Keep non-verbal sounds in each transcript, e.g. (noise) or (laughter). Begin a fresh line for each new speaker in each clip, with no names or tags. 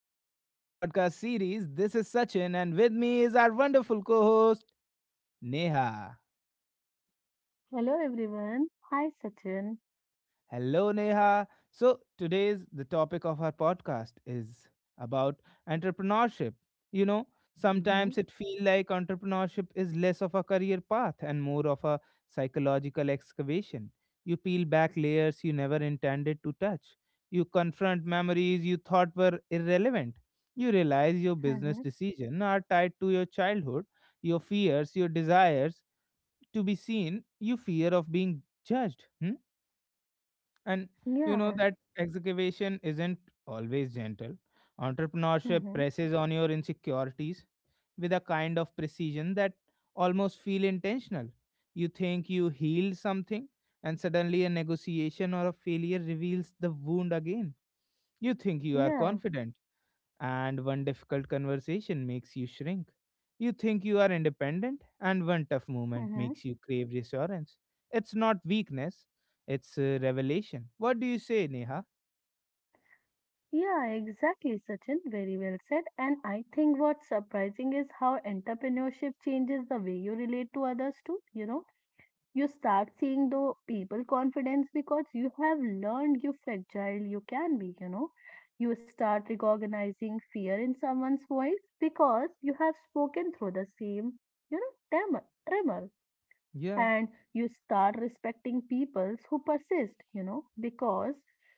back to our podcast series. This is Sachin, and with me is our wonderful co host, Neha.
Hello everyone. Hi Sachin.
Hello, Neha. So, today's the topic of our podcast is about entrepreneurship. You know,
Mhm.
sometimes it feels like entrepreneurship is less of a career path and more of a psychological excavation. You peel back layers you never intended to touch. You confront memories you thought were irrelevant. You realize your business
Mhm.
decisions are tied to your childhood, your fears, your desires to be seen, your fear of being judged. Hmm? And
Yeah.
that excavation isn't always gentle. Entrepreneurship
Mhm.
presses on your insecurities with a kind of precision that almost feel intentional. You think you healed something, and suddenly a negotiation or a failure reveals the wound again. You think you are
Yeah.
confident, and one difficult conversation makes you shrink. You think you are independent, and one tough moment
Mhm.
makes you crave reassurance. It's not weakness, it's a revelation. What do you say, Neha?
Yeah, exactly, Sachin. Very well said. And I think what's surprising is how entrepreneurship changes the way you relate to others too, you know. You start seeing the people confidence because you have learned you fragile you can be, you know. You start recognizing fear in someone's voice because you have spoken through the same, you know, tremor. tremor,
Yeah.
and you start respecting peoples who persist because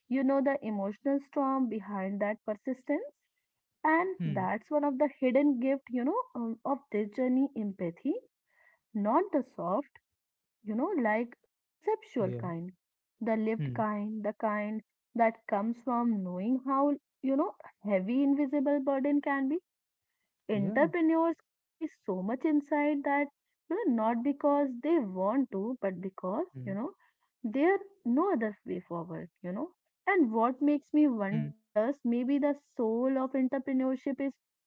the emotional storm behind that persistence, and
Hmm.
that's one of the hidden gift of this journey, empathy, not the soft like conceptual
Yeah.
kind, the lived
Hmm.
kind, the kind that comes from knowing how you know heavy invisible burden can be.
Yeah.
Entrepreneurs carry so much insight that not because they want to, but because
Hmm.
there no other way forward, and what makes me
Hmm.
wonders, maybe the soul of entrepreneurship is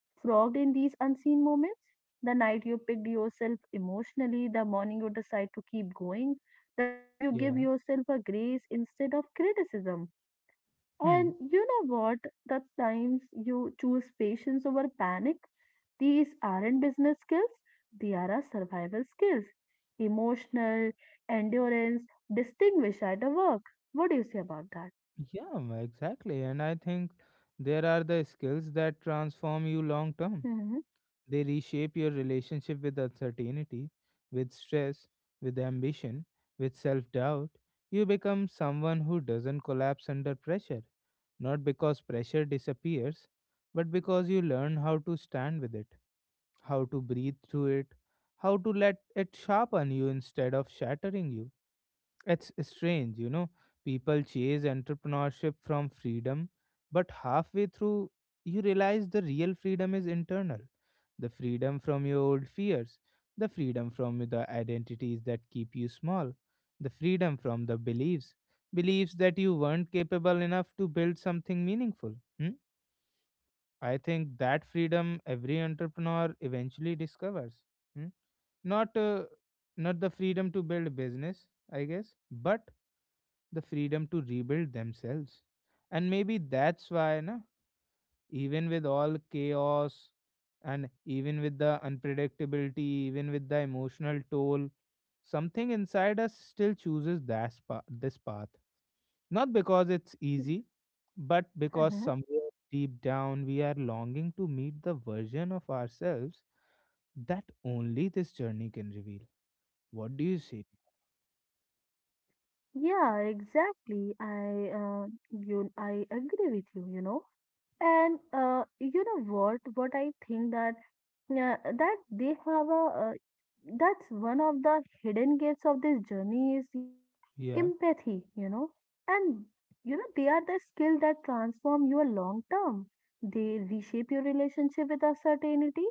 frogged in these unseen moments: the night you picked yourself emotionally, the morning you decide to keep going, the days you give
Yeah.
yourself a grace instead of criticism.
Hmm.
And you know what? The times you choose patience over panic, these aren't business skills, they are our survival skills. Emotional, endurance, distinguish at the work. What do you say about that?
Yeah, exactly. And I think there are the skills that transform you long term.
Hmm.
They reshape your relationship with uncertainty, with stress, with ambition, with self doubt. You become someone who doesn't collapse under pressure, not because pressure disappears, but because you learn how to stand with it, how to breathe through it, how to let it sharpen you instead of shattering you. It's strange, you know. People chase entrepreneurship from freedom, but halfway through, you realize the real freedom is internal the freedom from your old fears, the freedom from the identities that keep you small, the freedom from the beliefs, beliefs that you weren't capable enough to build something meaningful. Hmm? I think that freedom every entrepreneur eventually discovers. hmm? Not uh, not the freedom to build business, I guess, but the freedom to rebuild themselves. And maybe that's why na even with all chaos, and even with the unpredictability, even with the emotional toll, something inside us still chooses this path, not because it's easy, but because
Mm-hmm.
somewhere deep down we are longing to meet the version of ourselves that only this journey can reveal. What do you say?
Yeah, exactly. I agree with you, you know. And you know what? What I think, that, yeah, that they have that's one of the hidden gifts of this journey is,
Yeah.
empathy, and, they are the skill that transform your long term. They reshape your relationship with uncertainty,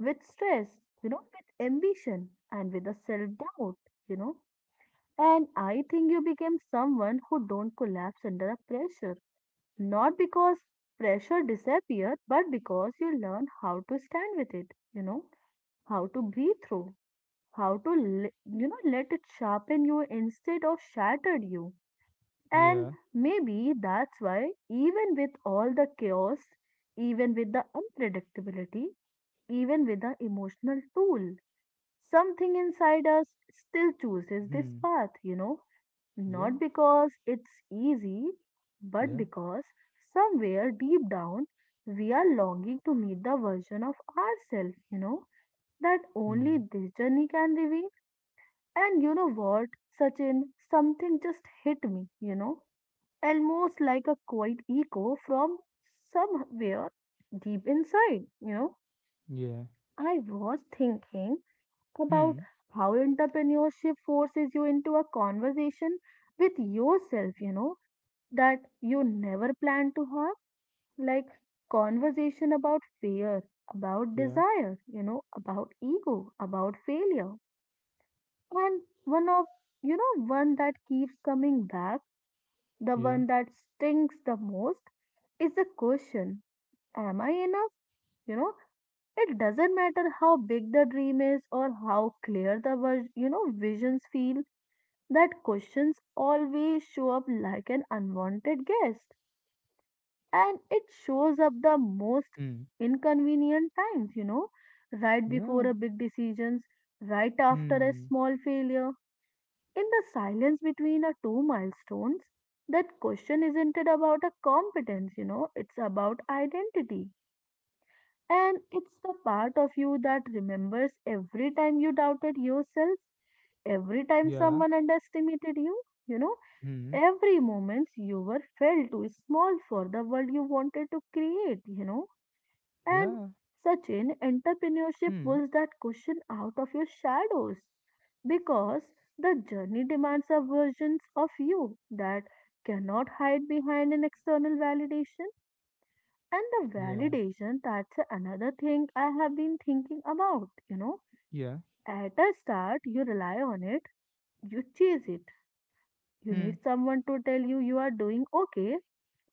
with stress, with ambition, and with a self-doubt, you know. And I think you became someone who don't collapse under a pressure, not because pressure disappeared, but because you learn how to stand with it, you know how to breathe through, how to let it sharpen you instead of shattered you. And
Yeah.
maybe that's why, even with all the chaos, even with the unpredictability, even with the emotional tool, something inside us still chooses this
Hmm.
path,
Yeah.
not because it's easy, but
Yeah.
because somewhere deep down we are longing to meet the version of ourselves, that only
Hmm.
this journey can reveal. And you know what, Sachin, something just hit me, almost like a quiet echo from somewhere deep inside.
Yeah.
I was thinking about
Hmm.
how entrepreneurship forces you into a conversation with yourself, that you never planned to have, like conversation about fear, about
Yeah.
desire, about ego, about failure. And one of, you know, one that keeps coming back, the
Yeah.
one that stings the most, is the question, am I enough? You know, it doesn't matter how big the dream is or how clear the visions feel, that questions always show up like an unwanted guest. And it shows up the most
Hmm.
inconvenient times, right before a
Yeah.
big decisions, right after a
Hmm.
small failure. In the silence between our two milestones, that question isn't it about a competence, it's about identity. And it's the part of you that remembers every time you doubted yourself, every time
Yeah.
someone underestimated you,
Hmm.
every moment you were felt too small for the world you wanted to create. And
Yeah.
Sachin, entrepreneurship
Hmm.
pulls that question out of your shadows because the journey demands a version of you that cannot hide behind an external validation. And the
Yeah.
validation, that's another thing I have been thinking about. You know,
Yeah.
at a start, you rely on it, you chase it. You
Hmm.
need someone to tell you you are doing okay.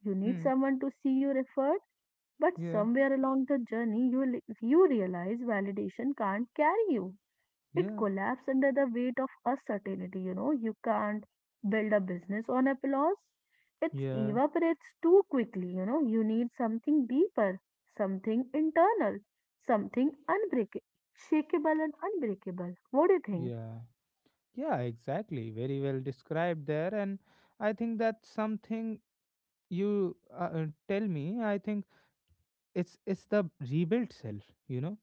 You need
Hmm.
someone to see you referred. But
Yeah.
somewhere along the journey, you realize validation can't carry you. It
Yeah.
collapses under the weight of uncertainty. You can't build a business on applause. It
Yeah.
evaporates too quickly. You need something deeper, something internal, something unbreakable, shakeable and unbreakable. What do you think?
Yeah. Yeah. Exactly. Very well described there, and I think that's something you tell me. I think it's the rebuilt self. You know,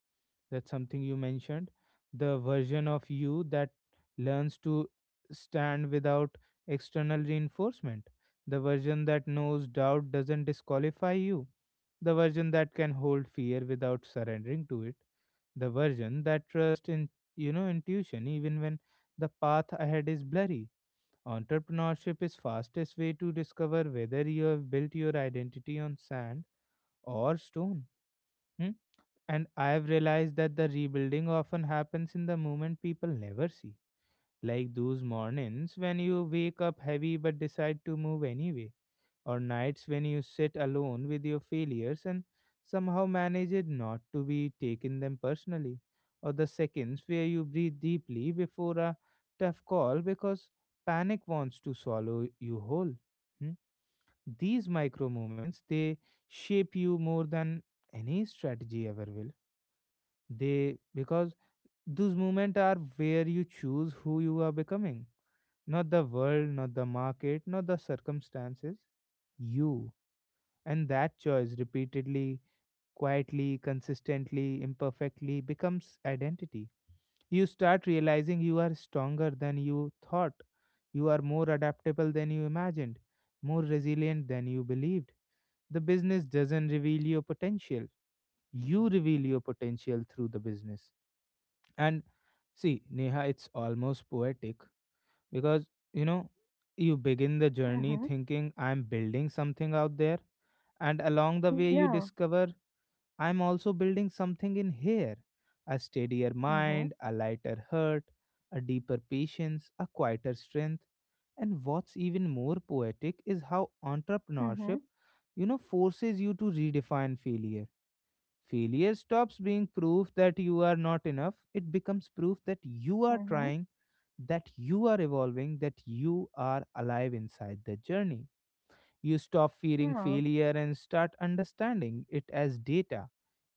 that's something you mentioned, the version of you that learns to stand without external reinforcement, the version that knows doubt doesn't disqualify you, the version that can hold fear without surrendering to it, the version that trusts in, intuition, even when the path ahead is blurry. Entrepreneurship is fastest way to discover whether you have built your identity on sand or stone. Hmm? And I've realized that the rebuilding often happens in the moment people never see. Like those mornings when you wake up heavy but decide to move anyway, or nights when you sit alone with your failures and somehow manage it not to be taken them personally, or the seconds where you breathe deeply before a tough call because panic wants to swallow you whole. Hmm? These micro moments, they shape you more than any strategy ever will, they, because those moments are where you choose who you are becoming, not the world, not the market, not the circumstances, you. And that choice repeatedly, quietly, consistently, imperfectly becomes identity. You start realizing you are stronger than you thought. You are more adaptable than you imagined, more resilient than you believed. The business doesn't reveal your potential. You reveal your potential through the business. And see, Neha, it's almost poetic because, you know, you begin the journey
Mm-hmm.
thinking I'm building something out there, and along the way, you
Yeah.
discover I'm also building something in here, a steadier mind,
Mm-hmm.
a lighter heart, a deeper patience, a quieter strength. And what's even more poetic is how entrepreneurship,
Mm-hmm.
you know, forces you to redefine failure. Failure stops being proof that you are not enough, it becomes proof that you are
Mm-hmm.
trying, that you are evolving, that you are alive inside the journey. You stop fearing
Yeah.
failure and start understanding it as data,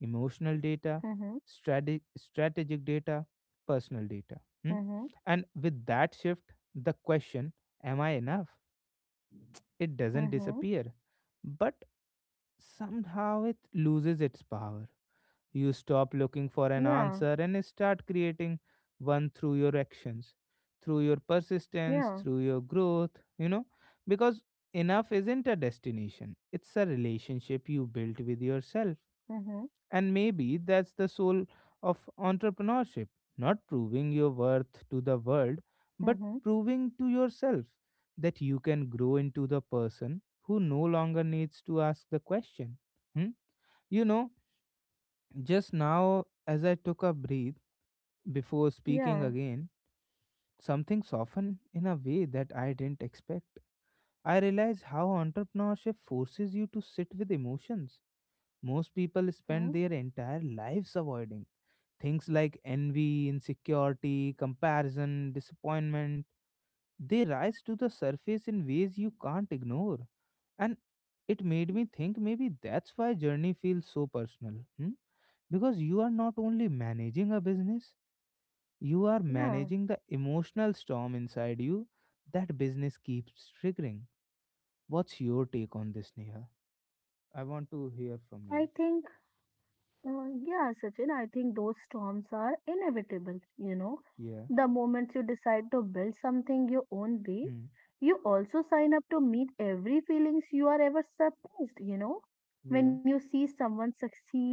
emotional data,
Mm-hmm.
strategic data, personal data. hmm?
Mm-hmm.
And with that shift, the question, am I enough? It doesn't
Mm-hmm.
disappear, but somehow it loses its power. You stop looking for an
Yeah.
answer and start creating one through your actions, through your persistence,
Yeah.
through your growth, you know, because enough isn't a destination, it's a relationship you built with yourself.
Mm-hmm.
And maybe that's the soul of entrepreneurship, not proving your worth to the world, but
Mm-hmm.
proving to yourself that you can grow into the person who no longer needs to ask the question. Hmm? You know, just now, as I took a breath before speaking
Yeah.
again, something softened in a way that I didn't expect. I realized how entrepreneurship forces you to sit with emotions. Most people spend
Hmm.
their entire lives avoiding things like envy, insecurity, comparison, disappointment. They rise to the surface in ways you can't ignore. And it made me think maybe that's why journey feels so personal. Hmm? Because you are not only managing a business, you are
Yeah.
managing the emotional storm inside you that business keeps triggering. What's your take on this, Neha? I want to hear from you.
I think, yeah, Sachin, I think those storms are inevitable. You know,
Yeah.
the moment you decide to build something your own way,
Hmm.
you also sign up to meet every feelings you are ever surprised. When
Yeah.
you see someone succeed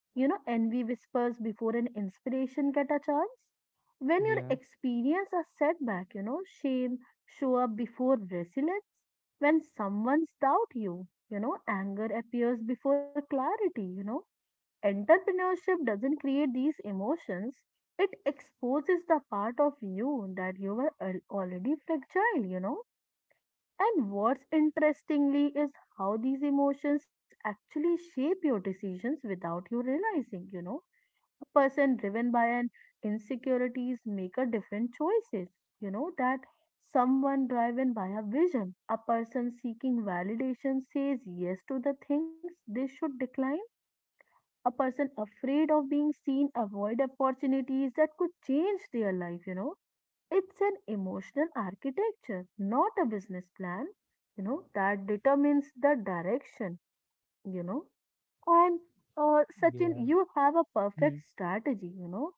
You know, envy whispers before an inspiration get a chance. When your
Yeah.
experience a setback, shame show up before resilience. When someone's doubt you, anger appears before clarity. Entrepreneurship doesn't create these emotions. It exposes the part of you that you were already fragile. And what's interestingly is how these emotions actually shape your decisions without you realizing. A person driven by an insecurities make a different choices, that someone driven by a vision. A person seeking validation says yes to the things they should decline. A person afraid of being seen avoid opportunities that could change their life. It's an emotional architecture, not a business plan, that determines the direction you know. And Sachin,
Yeah.
you have a
Hmm.
perfect strategy,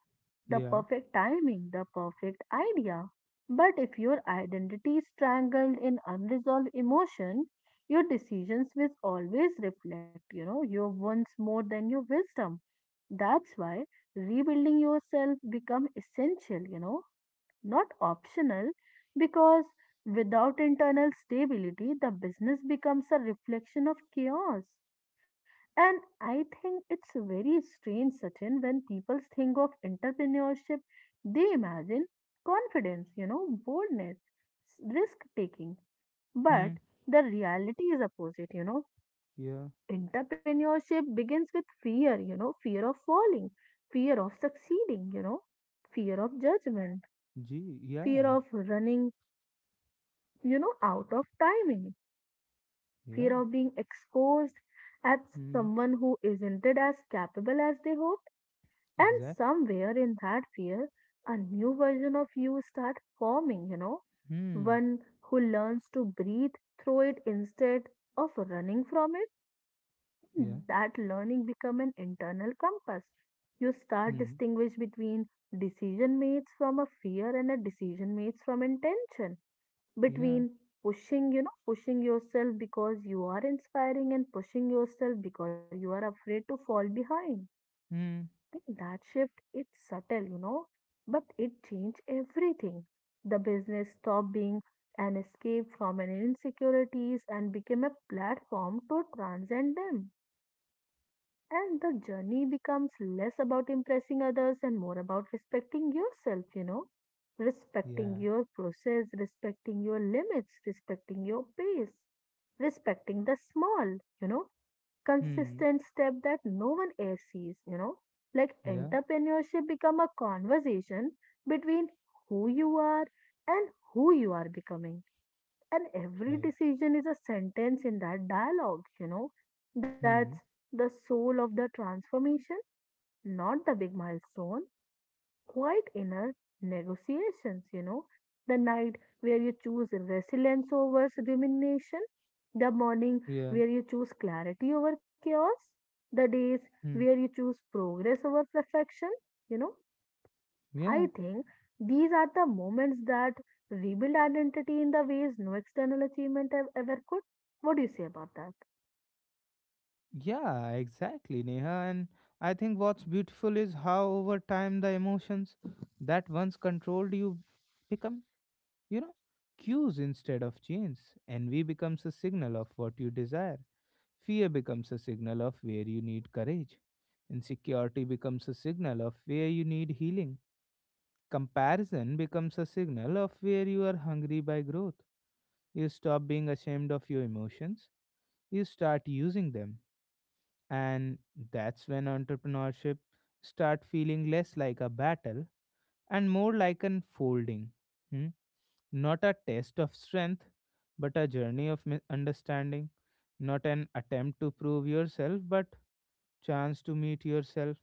the
Yeah.
perfect timing, the perfect idea. But if your identity is strangled in unresolved emotion, your decisions will always reflect, your wants more than your wisdom. That's why rebuilding yourself become essential, not optional, because without internal stability, the business becomes a reflection of chaos. And I think it's very strange, Sachin, when people think of entrepreneurship, they imagine confidence, boldness, risk taking. But
Hmm.
the reality is opposite.
Yeah.
Entrepreneurship begins with fear, fear of falling, fear of succeeding, fear of judgment,
Gee.
fear
Yeah.
of running, out of timing,
Yeah.
fear of being exposed as
Hmm.
someone who isn't as capable as they hope. And
Exact.
somewhere in that fear, a new version of you start forming,
Hmm.
one who learns to breathe through it instead of running from it.
Yeah.
That learning become an internal compass. You start
Hmm.
distinguish between decision mates from a fear, and a decision mates from intention.
Yeah.
Between pushing yourself because you are inspiring, and pushing yourself because you are afraid to fall behind.
Hmm.
I that shift its subtle, but it changed everything. The business stopped being an escape from an insecurities and became a platform to transcend them. And the journey becomes less about impressing others and more about respecting yourself, respecting
Yeah.
your process, respecting your limits, respecting your pace, respecting the small,
Hmm.
consistent step that no one else sees. Like
Yeah.
entrepreneurship become a conversation between who you are and who you are becoming. And every
Right.
decision is a sentence in that dialogue. That's
Hmm.
the soul of the transformation, not the big milestone, the quiet inner negotiations, the night where you choose resilience over rumination, the morning
Yeah.
where you choose clarity over chaos, the days where
Hmm.
you choose progress over perfection, you know. I
Yeah.
think these are the moments that rebuild identity in the ways no external achievement ever could. What do you say about that?
Yeah, exactly, Neha. And I think what's beautiful is how over time the emotions that once controlled you become, you know, cues instead of chains. Envy becomes a signal of what you desire. Fear becomes a signal of where you need courage. Insecurity becomes a signal of where you need healing. Comparison becomes a signal of where you are hungry by growth. You stop being ashamed of your emotions, you start using them, and that's when entrepreneurship start feeling less like a battle and more like an folding. hmm? Not a test of strength, but a journey of understanding, not an attempt to prove yourself but chance to meet yourself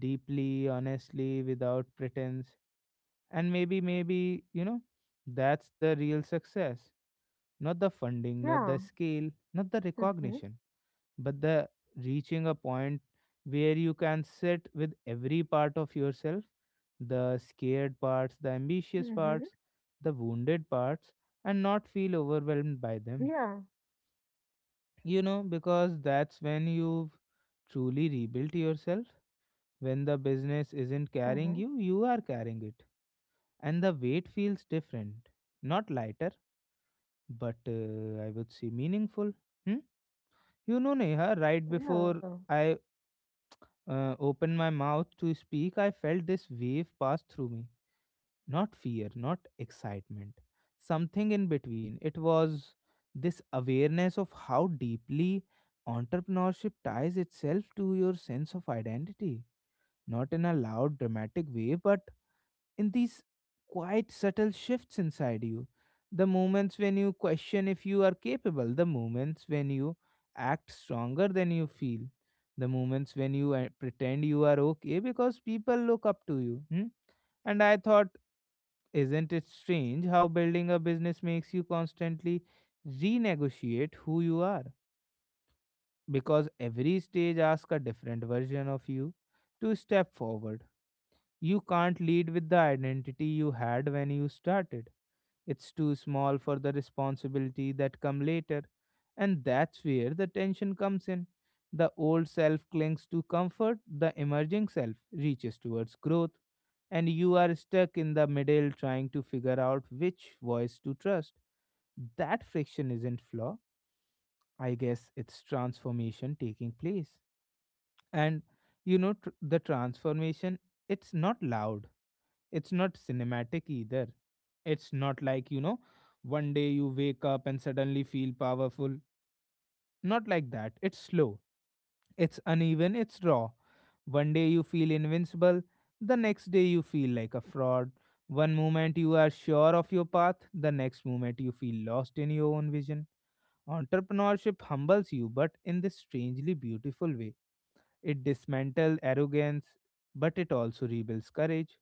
deeply, honestly, without pretense. And maybe, you know, that's the real success, not the funding, not
Yeah.
the scale, not the
Mm-hmm.
recognition, but the reaching a point where you can sit with every part of yourself, the scared parts, the
Mm-hmm.
ambitious parts, the wounded parts, and not feel overwhelmed by them.
Yeah.
You know, because that's when you've truly rebuilt yourself. When the business isn't
Mm-hmm.
carrying you, you are carrying it. And the weight feels different. Not lighter, but I would say meaningful. Hmm? You know, Neha, right
Yeah.
before I opened my mouth to speak, I felt this wave pass through me. Not fear, not excitement. Something in between. It was this awareness of how deeply entrepreneurship ties itself to your sense of identity. Not in a loud, dramatic way, but in these quite subtle shifts inside you. The moments when you question if you are capable, the moments when you act stronger than you feel, the moments when you pretend you are okay because people look up to you. Hmm? And I thought, isn't it strange how building a business makes you constantly renegotiate who you are? Because every stage asks a different version of you to step forward. You can't lead with the identity you had when you started. It's too small for the responsibility that come later. And that's where the tension comes in. The old self clings to comfort, the emerging self reaches towards growth, and you are stuck in the middle trying to figure out which voice to trust. That friction isn't flaw. I guess it's transformation taking place. And the transformation, it's not loud, it's not cinematic either. It's not like, you know, one day you wake up and suddenly feel powerful. Not like that. It's slow, it's uneven, it's raw. One day you feel invincible, the next day you feel like a fraud. One moment you are sure of your path, the next moment you feel lost in your own vision. Entrepreneurship humbles you, but in this strangely beautiful way it dismantles arrogance, but it also rebuilds courage.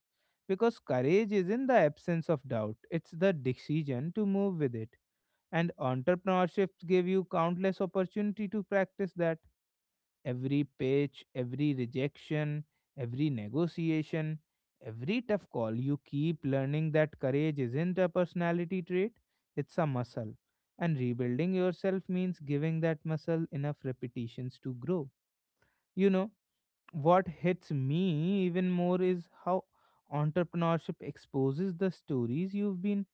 Because courage is in the absence of doubt, it's the decision to move with it. And entrepreneurships give you countless opportunity to practice that. Every pitch, every rejection, every negotiation, every tough call, you keep learning that courage isn't a personality trait, it's a muscle. And rebuilding yourself means giving that muscle enough repetitions to grow. You know what hits me even more is how entrepreneurship exposes the stories you've been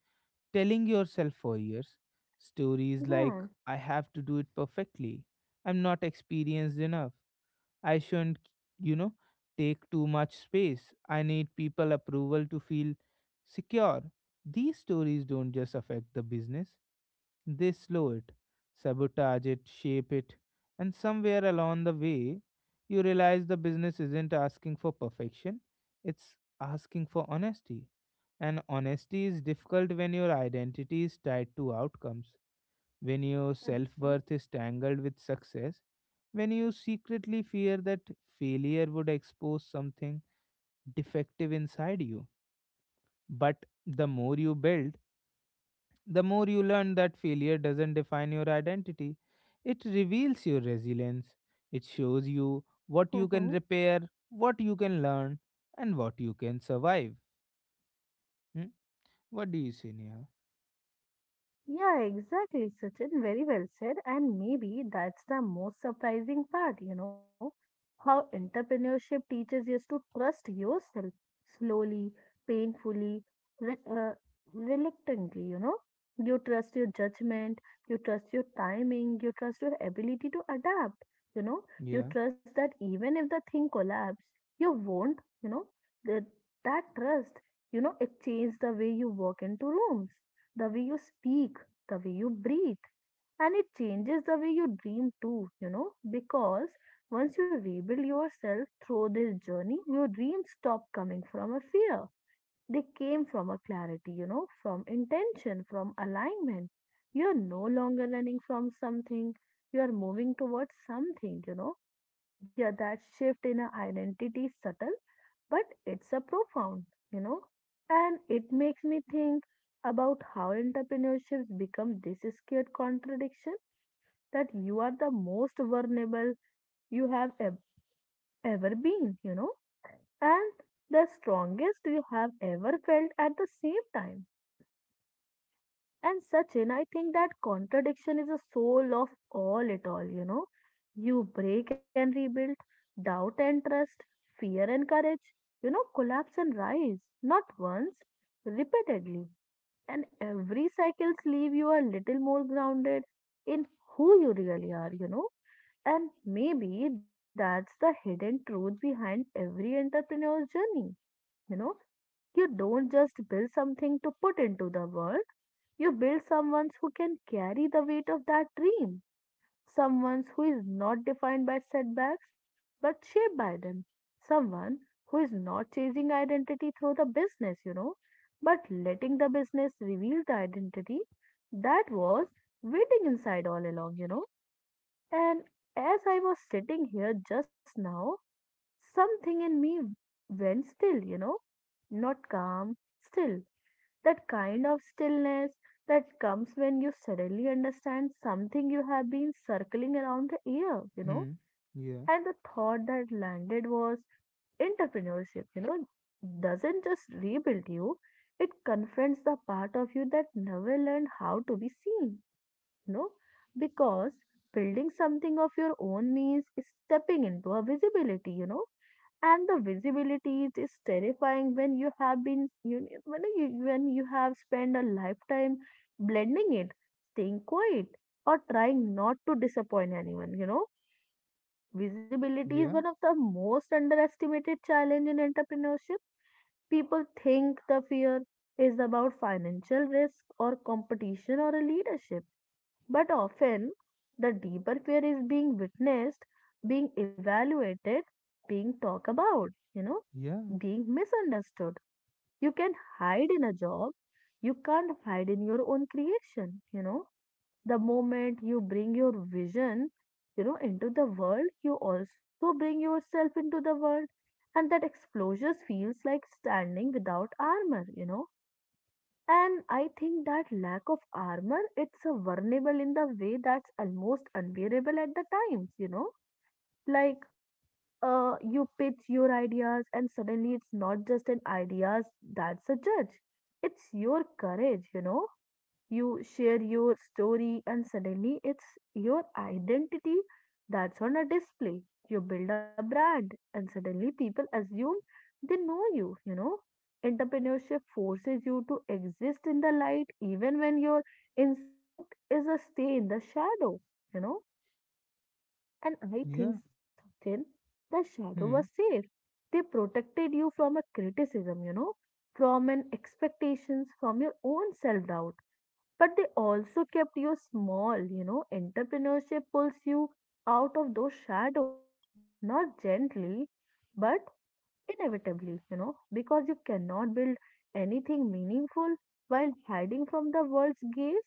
telling yourself for years. Stories like,
Yeah.
I have to do it perfectly, I'm not experienced enough, I shouldn't, you know, take too much space, I need people approval to feel secure. These stories don't just affect the business, they slow it, sabotage it, shape it, and somewhere along the way, you realize the business isn't asking for perfection, it's asking for honesty. And honesty is difficult when your identity is tied to outcomes, when your
嗯
self
嗯，
worth is tangled with success, when you secretly fear that failure would expose something defective inside you. But the more you build, the more you learn that failure doesn't define your identity, it reveals your resilience. It shows you
嗯
what you
哼。
can repair, what you can learn, and what you can survive. Hmm? What do you say, Neha?
Yeah, exactly, Sachin. Very well said. And maybe that's the most surprising part, how entrepreneurship teaches you to trust yourself slowly, painfully, re reluctantly. You trust your judgment, you trust your timing, you trust your ability to adapt, you know. You
Yeah.
trust that even if the thing collapses, you won't, you know. That, that trust, it changed the way you walk into rooms, the way you speak, the way you breathe. And it changes the way you dream too, because once you rebuild yourself through this journey, your dreams stop coming from a fear. They came from a clarity, from intention, from alignment. You're no longer running from something, you're moving towards something, yeah, that shift in our identity is subtle, but it's a profound, you know, and it makes me think about how entrepreneurships become this scared contradiction, that you are the most vulnerable you have ever been, and the strongest you have ever felt at the same time. And Sachin, I think that contradiction is the soul of all it all, you know. You break and rebuild, doubt and trust, fear and courage, collapse and rise, not once, repeatedly. And every cycles leave you a little more grounded in who you really are. And maybe that's the hidden truth behind every entrepreneur's journey. You know, you don't just build something to put into the world. You build someone who can carry the weight of that dream. Someone who is not defined by setbacks but shaped by them. Someone who is not chasing identity through the business, but letting the business reveal the identity that was waiting inside all along. And as I was sitting here just now, something in me went still, not calm, still. That kind of stillness that comes when you suddenly understand something you have been circling around the ear.
Hmm. Yeah.
And the thought that landed was entrepreneurship, doesn't just rebuild you, it confronts the part of you that never learned how to be seen, you know, because building something of your own means stepping into a visibility, and the visibility it is terrifying when you have been when you have spent a lifetime blending it, staying quiet, or trying not to disappoint anyone. Visibility is one
Yeah.
of the most underestimated challenge in entrepreneurship. People think the fear is about financial risk or competition or a leadership, but often, the deeper fear is being witnessed, being evaluated, being talked about, you know,
Yeah.
being misunderstood. You can hide in a job, you can't hide in your own creation. The moment you bring your vision, into the world, you also bring yourself into the world. And that explosion feels like standing without armor, and I think that lack of armor, it's a vulnerable in the way that's almost unbearable at the times, you know? Like, you pitch your ideas and suddenly it's not just an ideas that's a judge. It's your courage, you know? You share your story, and suddenly it's your identity that's on a display. You build a brand, and suddenly people assume they know you, you know. Entrepreneurship forces you to exist in the light even when your instinct is to stay in the shadow, you know. And I
Yeah.
think, Sachin, the shadow was
Hmm.
safe. They protected you from a criticism, from an expectations, from your own self doubt, but they also kept you small. You know, entrepreneurship pulls you out of those shadows, not gently, but inevitably, because you cannot build anything meaningful while hiding from the world's gaze.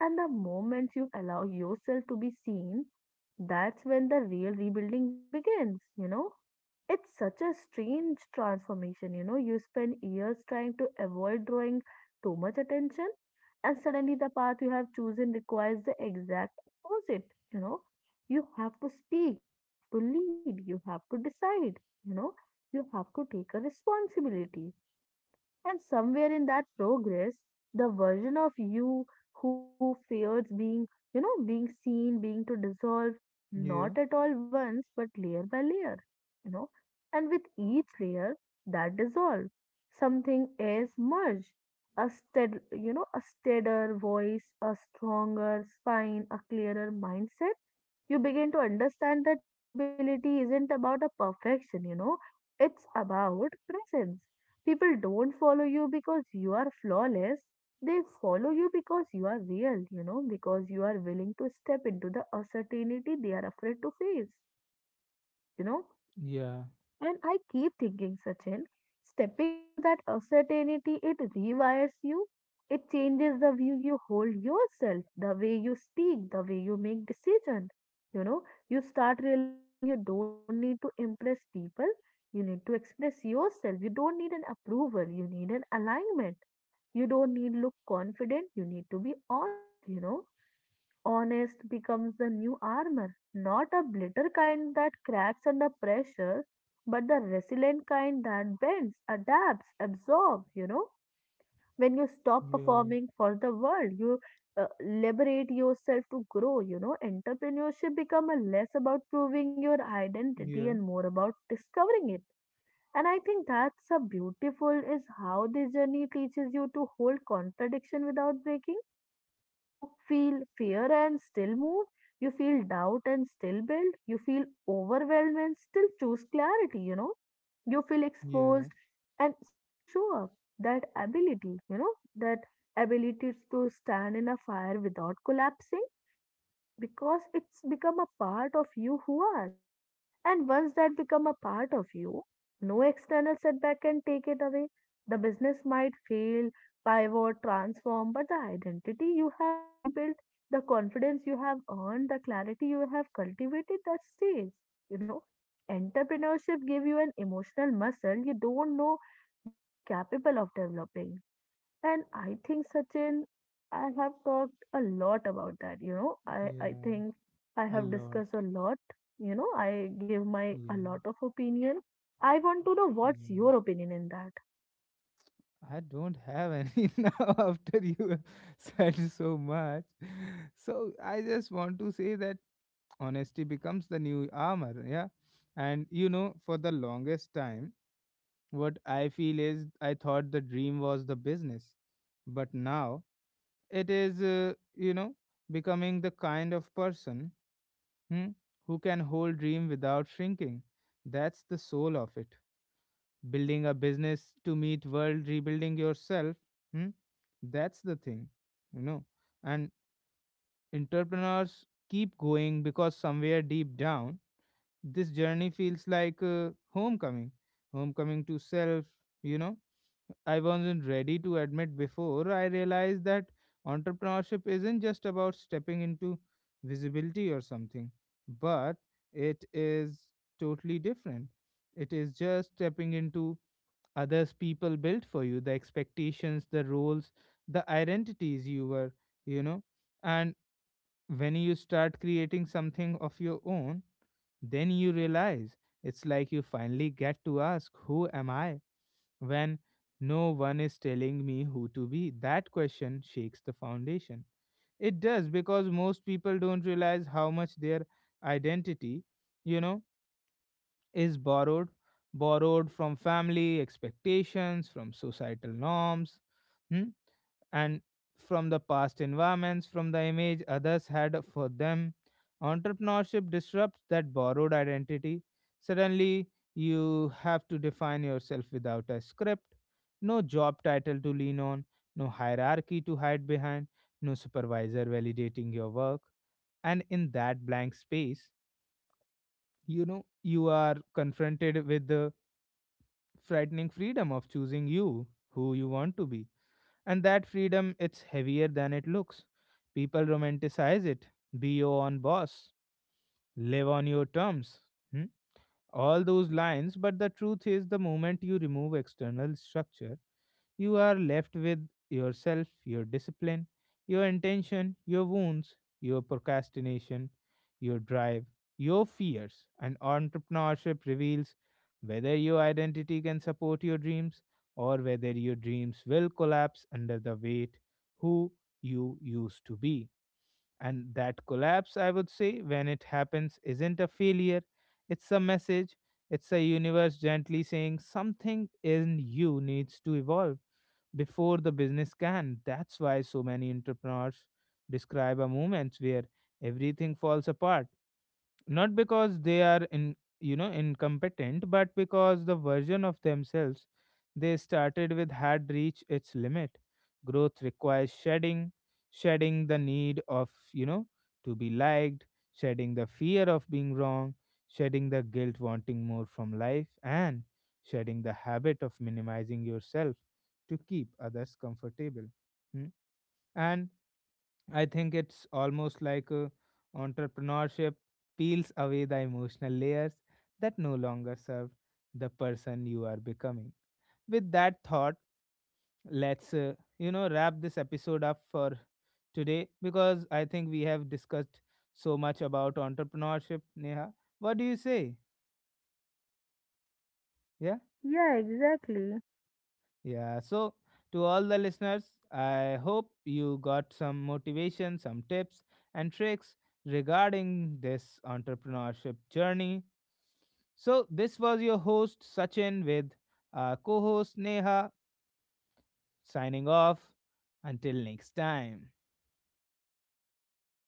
And the moment you allow yourself to be seen, that's when the real rebuilding begins, you know? It's such a strange transformation, you know? You spend years trying to avoid drawing too much attention, and suddenly the path you have chosen requires the exact opposite, you know? You have to speak, you have to lead, you have to decide, you know? You have to take a responsibility, and somewhere in that progress, the version of you who fears being, being seen, being to dissolve,
Yeah.
not at all once, but layer by layer, you know. And with each layer that dissolves, something is merged. A stead, a steadier voice, a stronger spine, a clearer mindset. You begin to understand that visibility isn't about a perfection, it's about presence. People don't follow you because you are flawless, they follow you because you are real, because you are willing to step into the uncertainty they are afraid to face, you know.
Yeah.
And I keep thinking, Sachin, stepping into that uncertainty, it rewires you. It changes the view you hold yourself, the way you speak, the way you make decisions. You know, you start realizing you don't need to impress people. You need to express yourself. You don't need an approval. You need an alignment. You don't need look confident. You need to be honest, you know, honest becomes the new armor, not a bitter kind that cracks under pressure, but the resilient kind that bends, adapts, absorbs. When you stop
Yeah.
performing for the world, you liberate yourself to grow, you know. Entrepreneurship become a less about proving your identity and
Yeah.
more about discovering it. And I think that's a beautiful is how this journey teaches you to hold contradiction without breaking. You feel fear and still move. You feel doubt and still build. You feel overwhelmed and still choose clarity, you know. You feel
Yeah.
exposed and still show up that ability, that ability to stand in a fire without collapsing because it's become a part of you who are. And once that become a part of you, no external setback can take it away. The business might fail, pivot, transform, but the identity you have rebuilt, the confidence you have earned, the clarity you have cultivated, that stays. You know, entrepreneurship give you an emotional muscle you don't know you were capable of developing. And I think, Sachin, I have talked a lot about that. You know, I
Yeah.
think I
A
have
lot.
discussed a lot. You know, I give my a lot
Yeah.
of opinion. I want to know what's
Yeah.
your opinion in that.
I don't have any (laughs) now after you have said so much. So I just want to say that honesty becomes the new armor, yeah. And you know, for the longest time, what I feel is I thought the dream was the business, but now it is, you know, becoming the kind of person, hmm, who can hold dream without shrinking. That's the soul of it, building a business to meet world, rebuilding yourself, hmm? That's the thing, you know. And entrepreneurs keep going because somewhere deep down this journey feels like homecoming, homecoming to self, you know. I wasn't ready to admit before I realized that entrepreneurship isn't just about stepping into visibility or something, but it is totally different. It is just stepping into others people built for you, the expectations, the roles, the identities you were, you know. And when you start creating something of your own, then you realize it's like you finally get to ask, who am I when no one is telling me who to be? That question shakes the foundation. It does, because most people don't realize how much their identity, you know, is borrowed, borrowed from family expectations, from societal norms, hmm, and from the past environments, from the image others had for them. Entrepreneurship disrupts that borrowed identity. Suddenly you have to define yourself without a script, no job title to lean on, no hierarchy to hide behind, no supervisor validating your work. And in that blank space, you know, you are confronted with frightening freedom of choosing you, who you want to be. And that freedom, it's heavier than it looks. People romanticize it. Be your own boss. Live on your terms. Hmm? All those lines, but the truth is, the moment you remove external structure, you are left with yourself, your discipline, your intention, your wounds, your procrastination, your drive, your fears. And entrepreneurship reveals whether your identity can support your dreams or whether your dreams will collapse under the weight who you used to be. And that collapse, I would say, when it happens, isn't a failure, it's a message. It's a universe gently saying something in you needs to evolve before the business can. That's why so many entrepreneurs describe a moment where everything falls apart, not because they are, in incompetent, but because the version of themselves they started with had reached its limit. Growth requires shedding, shedding the need of, to be liked, shedding the fear of being wrong, shedding the guilt wanting more from life, and shedding the habit of minimizing yourself to keep others comfortable. Hmm? And I think it's almost like, entrepreneurship peels away the emotional layers that no longer serve the person you are becoming. With that thought, let's, wrap this episode up for today, because I think we have discussed so much about entrepreneurship. Neha, what do you say? Yeah.
Yeah, exactly.
Yeah, so to all the listeners, I hope you got some motivation, some tips and tricks regarding this entrepreneurship journey. So, this was your host Sachin with, co host Neha, signing off. Until next time.